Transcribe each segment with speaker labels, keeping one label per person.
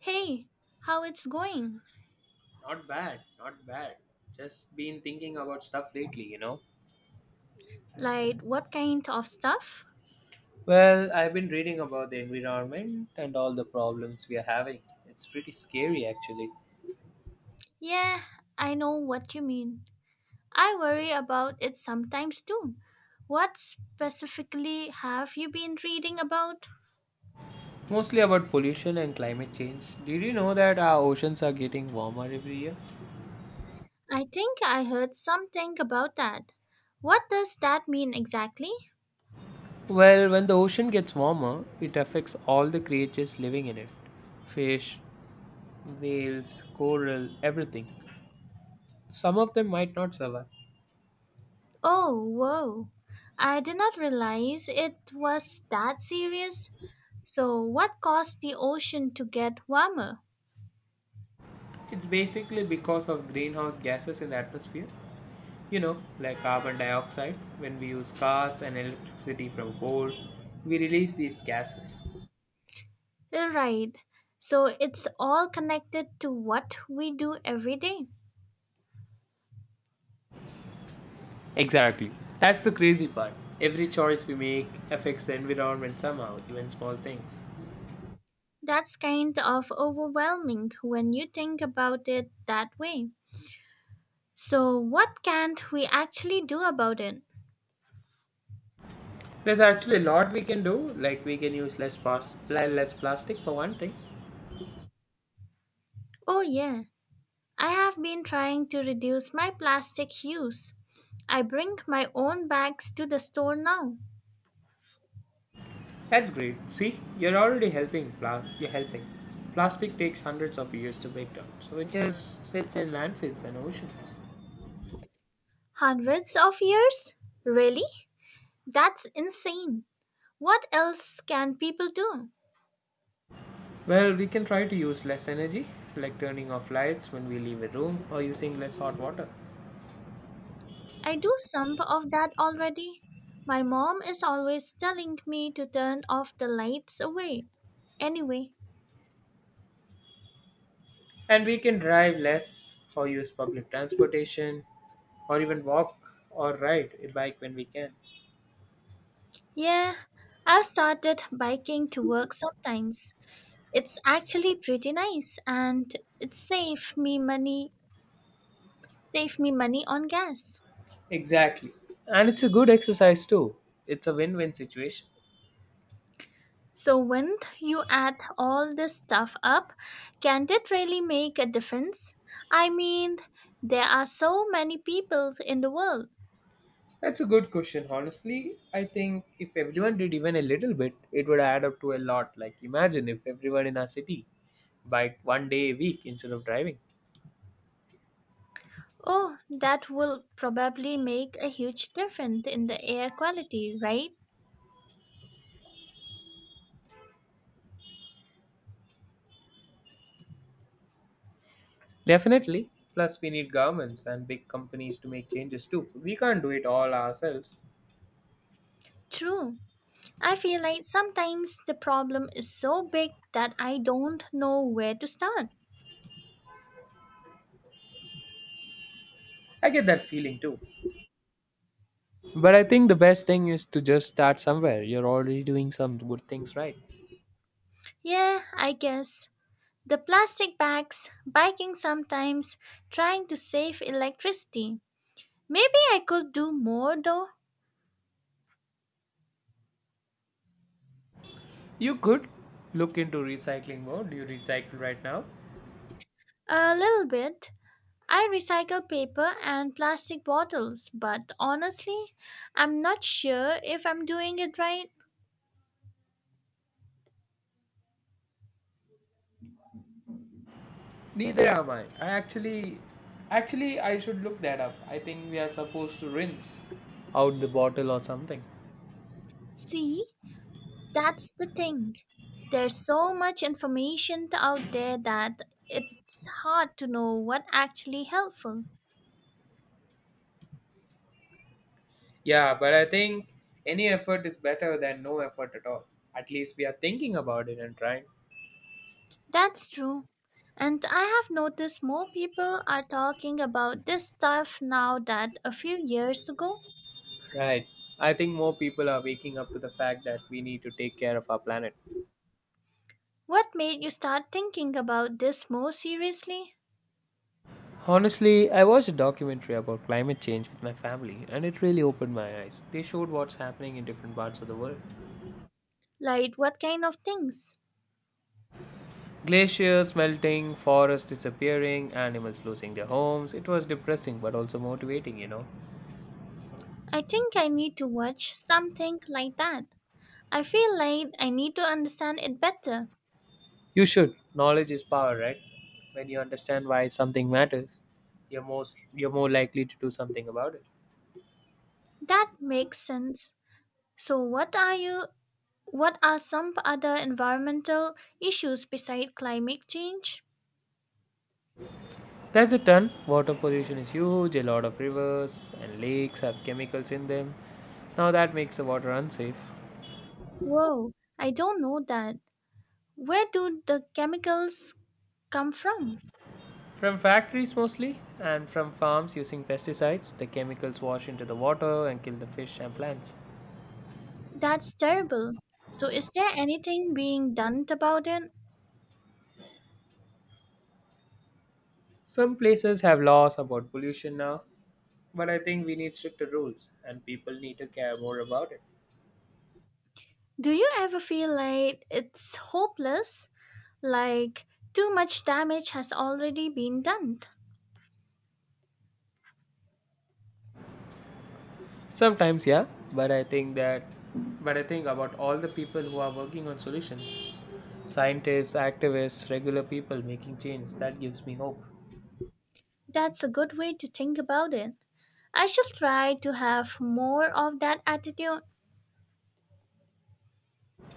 Speaker 1: Hey, how it's going?
Speaker 2: Not bad, not bad. Just been thinking about stuff lately, you know.
Speaker 1: Like what kind of stuff?
Speaker 2: Well, I've been reading about the environment and all the problems we are having. It's pretty scary actually.
Speaker 1: Yeah, I know what you mean. I worry about it sometimes too. What specifically have you been reading about?
Speaker 2: Mostly about pollution and climate change. Did you know that our oceans are getting warmer every year?
Speaker 1: I think I heard something about that. What does that mean exactly?
Speaker 2: Well, when the ocean gets warmer, it affects all the creatures living in it, fish, whales, coral, everything. Some of them might not survive.
Speaker 1: Oh, whoa. I did not realize it was that serious. So, what caused the ocean to get warmer?
Speaker 2: It's basically because of greenhouse gases in the atmosphere, you know, like carbon dioxide. When we use cars and electricity from coal, we release these gases.
Speaker 1: Right. So it's all connected to what we do every day.
Speaker 2: Exactly. That's the crazy part. Every choice we make affects the environment somehow, even small things.
Speaker 1: That's kind of overwhelming when you think about it that way. So, what can't we actually do about it?
Speaker 2: There's actually a lot we can do. Like, we can use less less plastic for one thing.
Speaker 1: Oh, yeah. I have been trying to reduce my plastic use. I bring my own bags to the store now.
Speaker 2: That's great. See, you're already helping. You're helping. Plastic takes hundreds of years to break down, so it just sits in landfills and oceans.
Speaker 1: Hundreds of years? Really? That's insane. What else can people do?
Speaker 2: Well, we can try to use less energy, like turning off lights when we leave a room or using less hot water.
Speaker 1: I do some of that already. My mom is always telling me to turn off the lights away. Anyway,
Speaker 2: And we can drive less or use public transportation, or even walk or ride a bike when we can.
Speaker 1: yeah, I've started biking to work sometimes. It's actually pretty nice and it save me money on gas.
Speaker 2: Exactly. And it's a good exercise too. It's a win win situation.
Speaker 1: So when you add all this stuff up, can it really make a difference? I mean, there are so many people in the world.
Speaker 2: That's a good question, honestly. I think if everyone did even a little bit, it would add up to a lot. Like, imagine if everyone in our city biked one day a week instead of driving.
Speaker 1: Oh, that will probably make a huge difference in the air quality, right?
Speaker 2: Definitely. Plus, we need governments and big companies to make changes too. We can't do it all ourselves.
Speaker 1: True. I feel like sometimes the problem is so big that I don't know where to start.
Speaker 2: I get that feeling too. But I think the best thing is to just start somewhere. You're already doing some good things, right.
Speaker 1: Yeah, I guess. The plastic bags, biking sometimes, trying to save electricity. Maybe I could do more though,
Speaker 2: You could look into recycling more. Do you recycle right now?
Speaker 1: a little bit. I recycle paper and plastic bottles, but honestly, I'm not sure if I'm doing it right.
Speaker 2: Neither am I. Actually, I should look that up. I think we are supposed to rinse out the bottle or something.
Speaker 1: See? That's the thing. There's so much information out there that it's hard to know what actually helpful.
Speaker 2: Yeah, but I think any effort is better than no effort at all. At least we are thinking about it and trying.
Speaker 1: That's true. And I have noticed more people are talking about this stuff now that a few years ago.
Speaker 2: Right. I think more people are waking up to the fact that we need to take care of our planet.
Speaker 1: What made you start thinking about this more seriously?
Speaker 2: Honestly, I watched a documentary about climate change with my family and it really opened my eyes. They showed what's happening in different parts of the world,
Speaker 1: Like what kind of things?
Speaker 2: glaciers melting, forests disappearing, animals losing their homes. It was depressing but also motivating, you know.
Speaker 1: I think I need to watch something like that. I feel like I need to understand it better.
Speaker 2: You should. Knowledge is power, right? When you understand why something matters, you're more likely to do something about it.
Speaker 1: That makes sense. So, what are some other environmental issues besides climate change?
Speaker 2: There's a ton. Water pollution is huge. A lot of rivers and lakes have chemicals in them. Now that makes the water unsafe.
Speaker 1: Whoa, I don't know that. Where do the chemicals come from?
Speaker 2: From factories mostly, and from farms using pesticides. The chemicals wash into the water and kill the fish and plants.
Speaker 1: That's terrible. So, is there anything being done about it?
Speaker 2: Some places have laws about pollution now, but I think we need stricter rules, and people need to care more about it.
Speaker 1: Do you ever feel like it's hopeless? Like too much damage has already been done?
Speaker 2: Sometimes, yeah, but I think that, but I think about all the people who are working on solutions. Scientists, activists, regular people making change. That gives me hope.
Speaker 1: That's a good way to think about it. I shall try to have more of that attitude.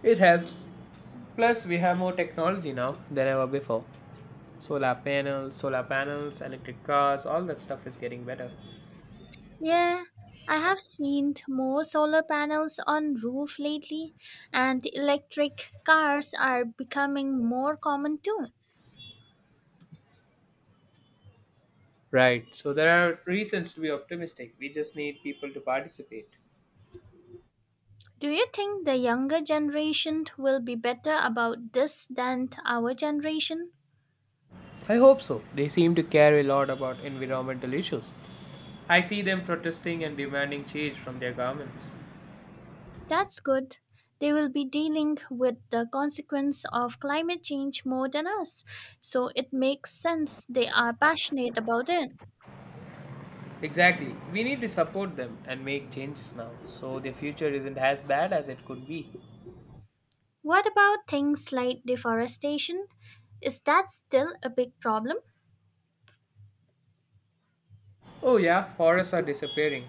Speaker 2: It helps. Plus, we have more technology now than ever before. Solar panels, electric cars, all that stuff is getting better.
Speaker 1: Yeah, I have seen more solar panels on roof lately, and electric cars are becoming more common too.
Speaker 2: Right. So there are reasons to be optimistic. We just need people to participate.
Speaker 1: Do you think the younger generation will be better about this than our generation?
Speaker 2: I hope so. They seem to care a lot about environmental issues. I see them protesting and demanding change from their governments.
Speaker 1: That's good. They will be dealing with the consequence of climate change more than us, so it makes sense they are passionate about it.
Speaker 2: Exactly. We need to support them and make changes now so the future isn't as bad as it could be.
Speaker 1: What about things like deforestation? Is that still a big problem?
Speaker 2: Oh, yeah, forests are disappearing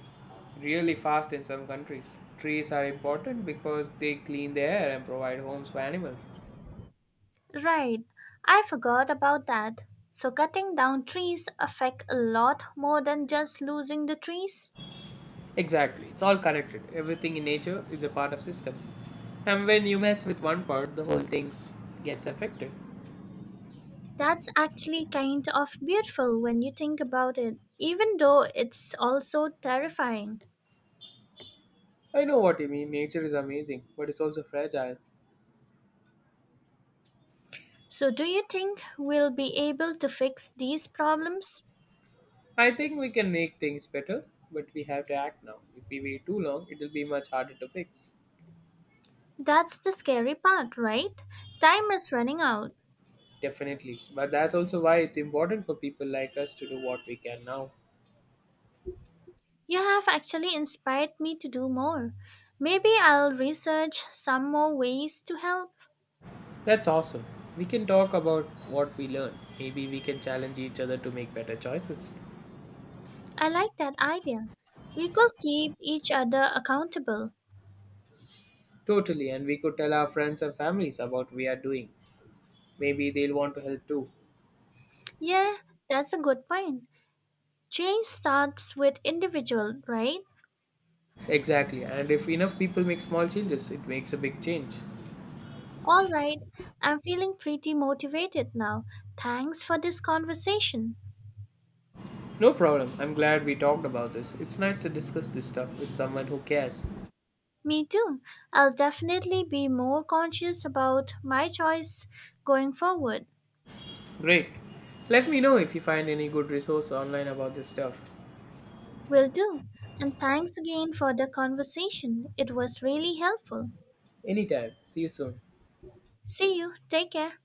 Speaker 2: really fast in some countries. Trees are important because they clean the air and provide homes for animals.
Speaker 1: Right, I forgot about that. So cutting down trees affect a lot more than just losing the trees.
Speaker 2: Exactly, it's all connected. Everything in nature is a part of system. And when you mess with one part, the whole thing gets affected.
Speaker 1: That's actually kind of beautiful when you think about it, even though it's also terrifying.
Speaker 2: I know what you mean. Nature is amazing, but it's also fragile.
Speaker 1: So do you think we'll be able to fix these problems?
Speaker 2: I think we can make things better, but we have to act now. If we wait too long, it will be much harder to fix.
Speaker 1: That's the scary part, right? Time is running out.
Speaker 2: Definitely. But that's also why it's important for people like us to do what we can now.
Speaker 1: You have actually inspired me to do more. Maybe I'll research some more ways to help.
Speaker 2: That's awesome. We can talk about what we learned. Maybe we can challenge each other to make better choices.
Speaker 1: I like that idea. We could keep each other accountable.
Speaker 2: Totally, and we could tell our friends and families about we are doing. Maybe they'll want to help too.
Speaker 1: Yeah, that's a good point. Change starts with individual, right?
Speaker 2: Exactly, and if enough people make small changes, it makes a big change.
Speaker 1: All right, I'm feeling pretty motivated now. Thanks for this conversation.
Speaker 2: No problem. I'm glad we talked about this. It's nice to discuss this stuff with someone who cares.
Speaker 1: Me too. I'll definitely be more conscious about my choice going forward.
Speaker 2: Great. Let me know if you find any good resource online about this stuff.
Speaker 1: Will do. And thanks again for the conversation. It was really helpful.
Speaker 2: Anytime. See you soon.
Speaker 1: See you. Take care.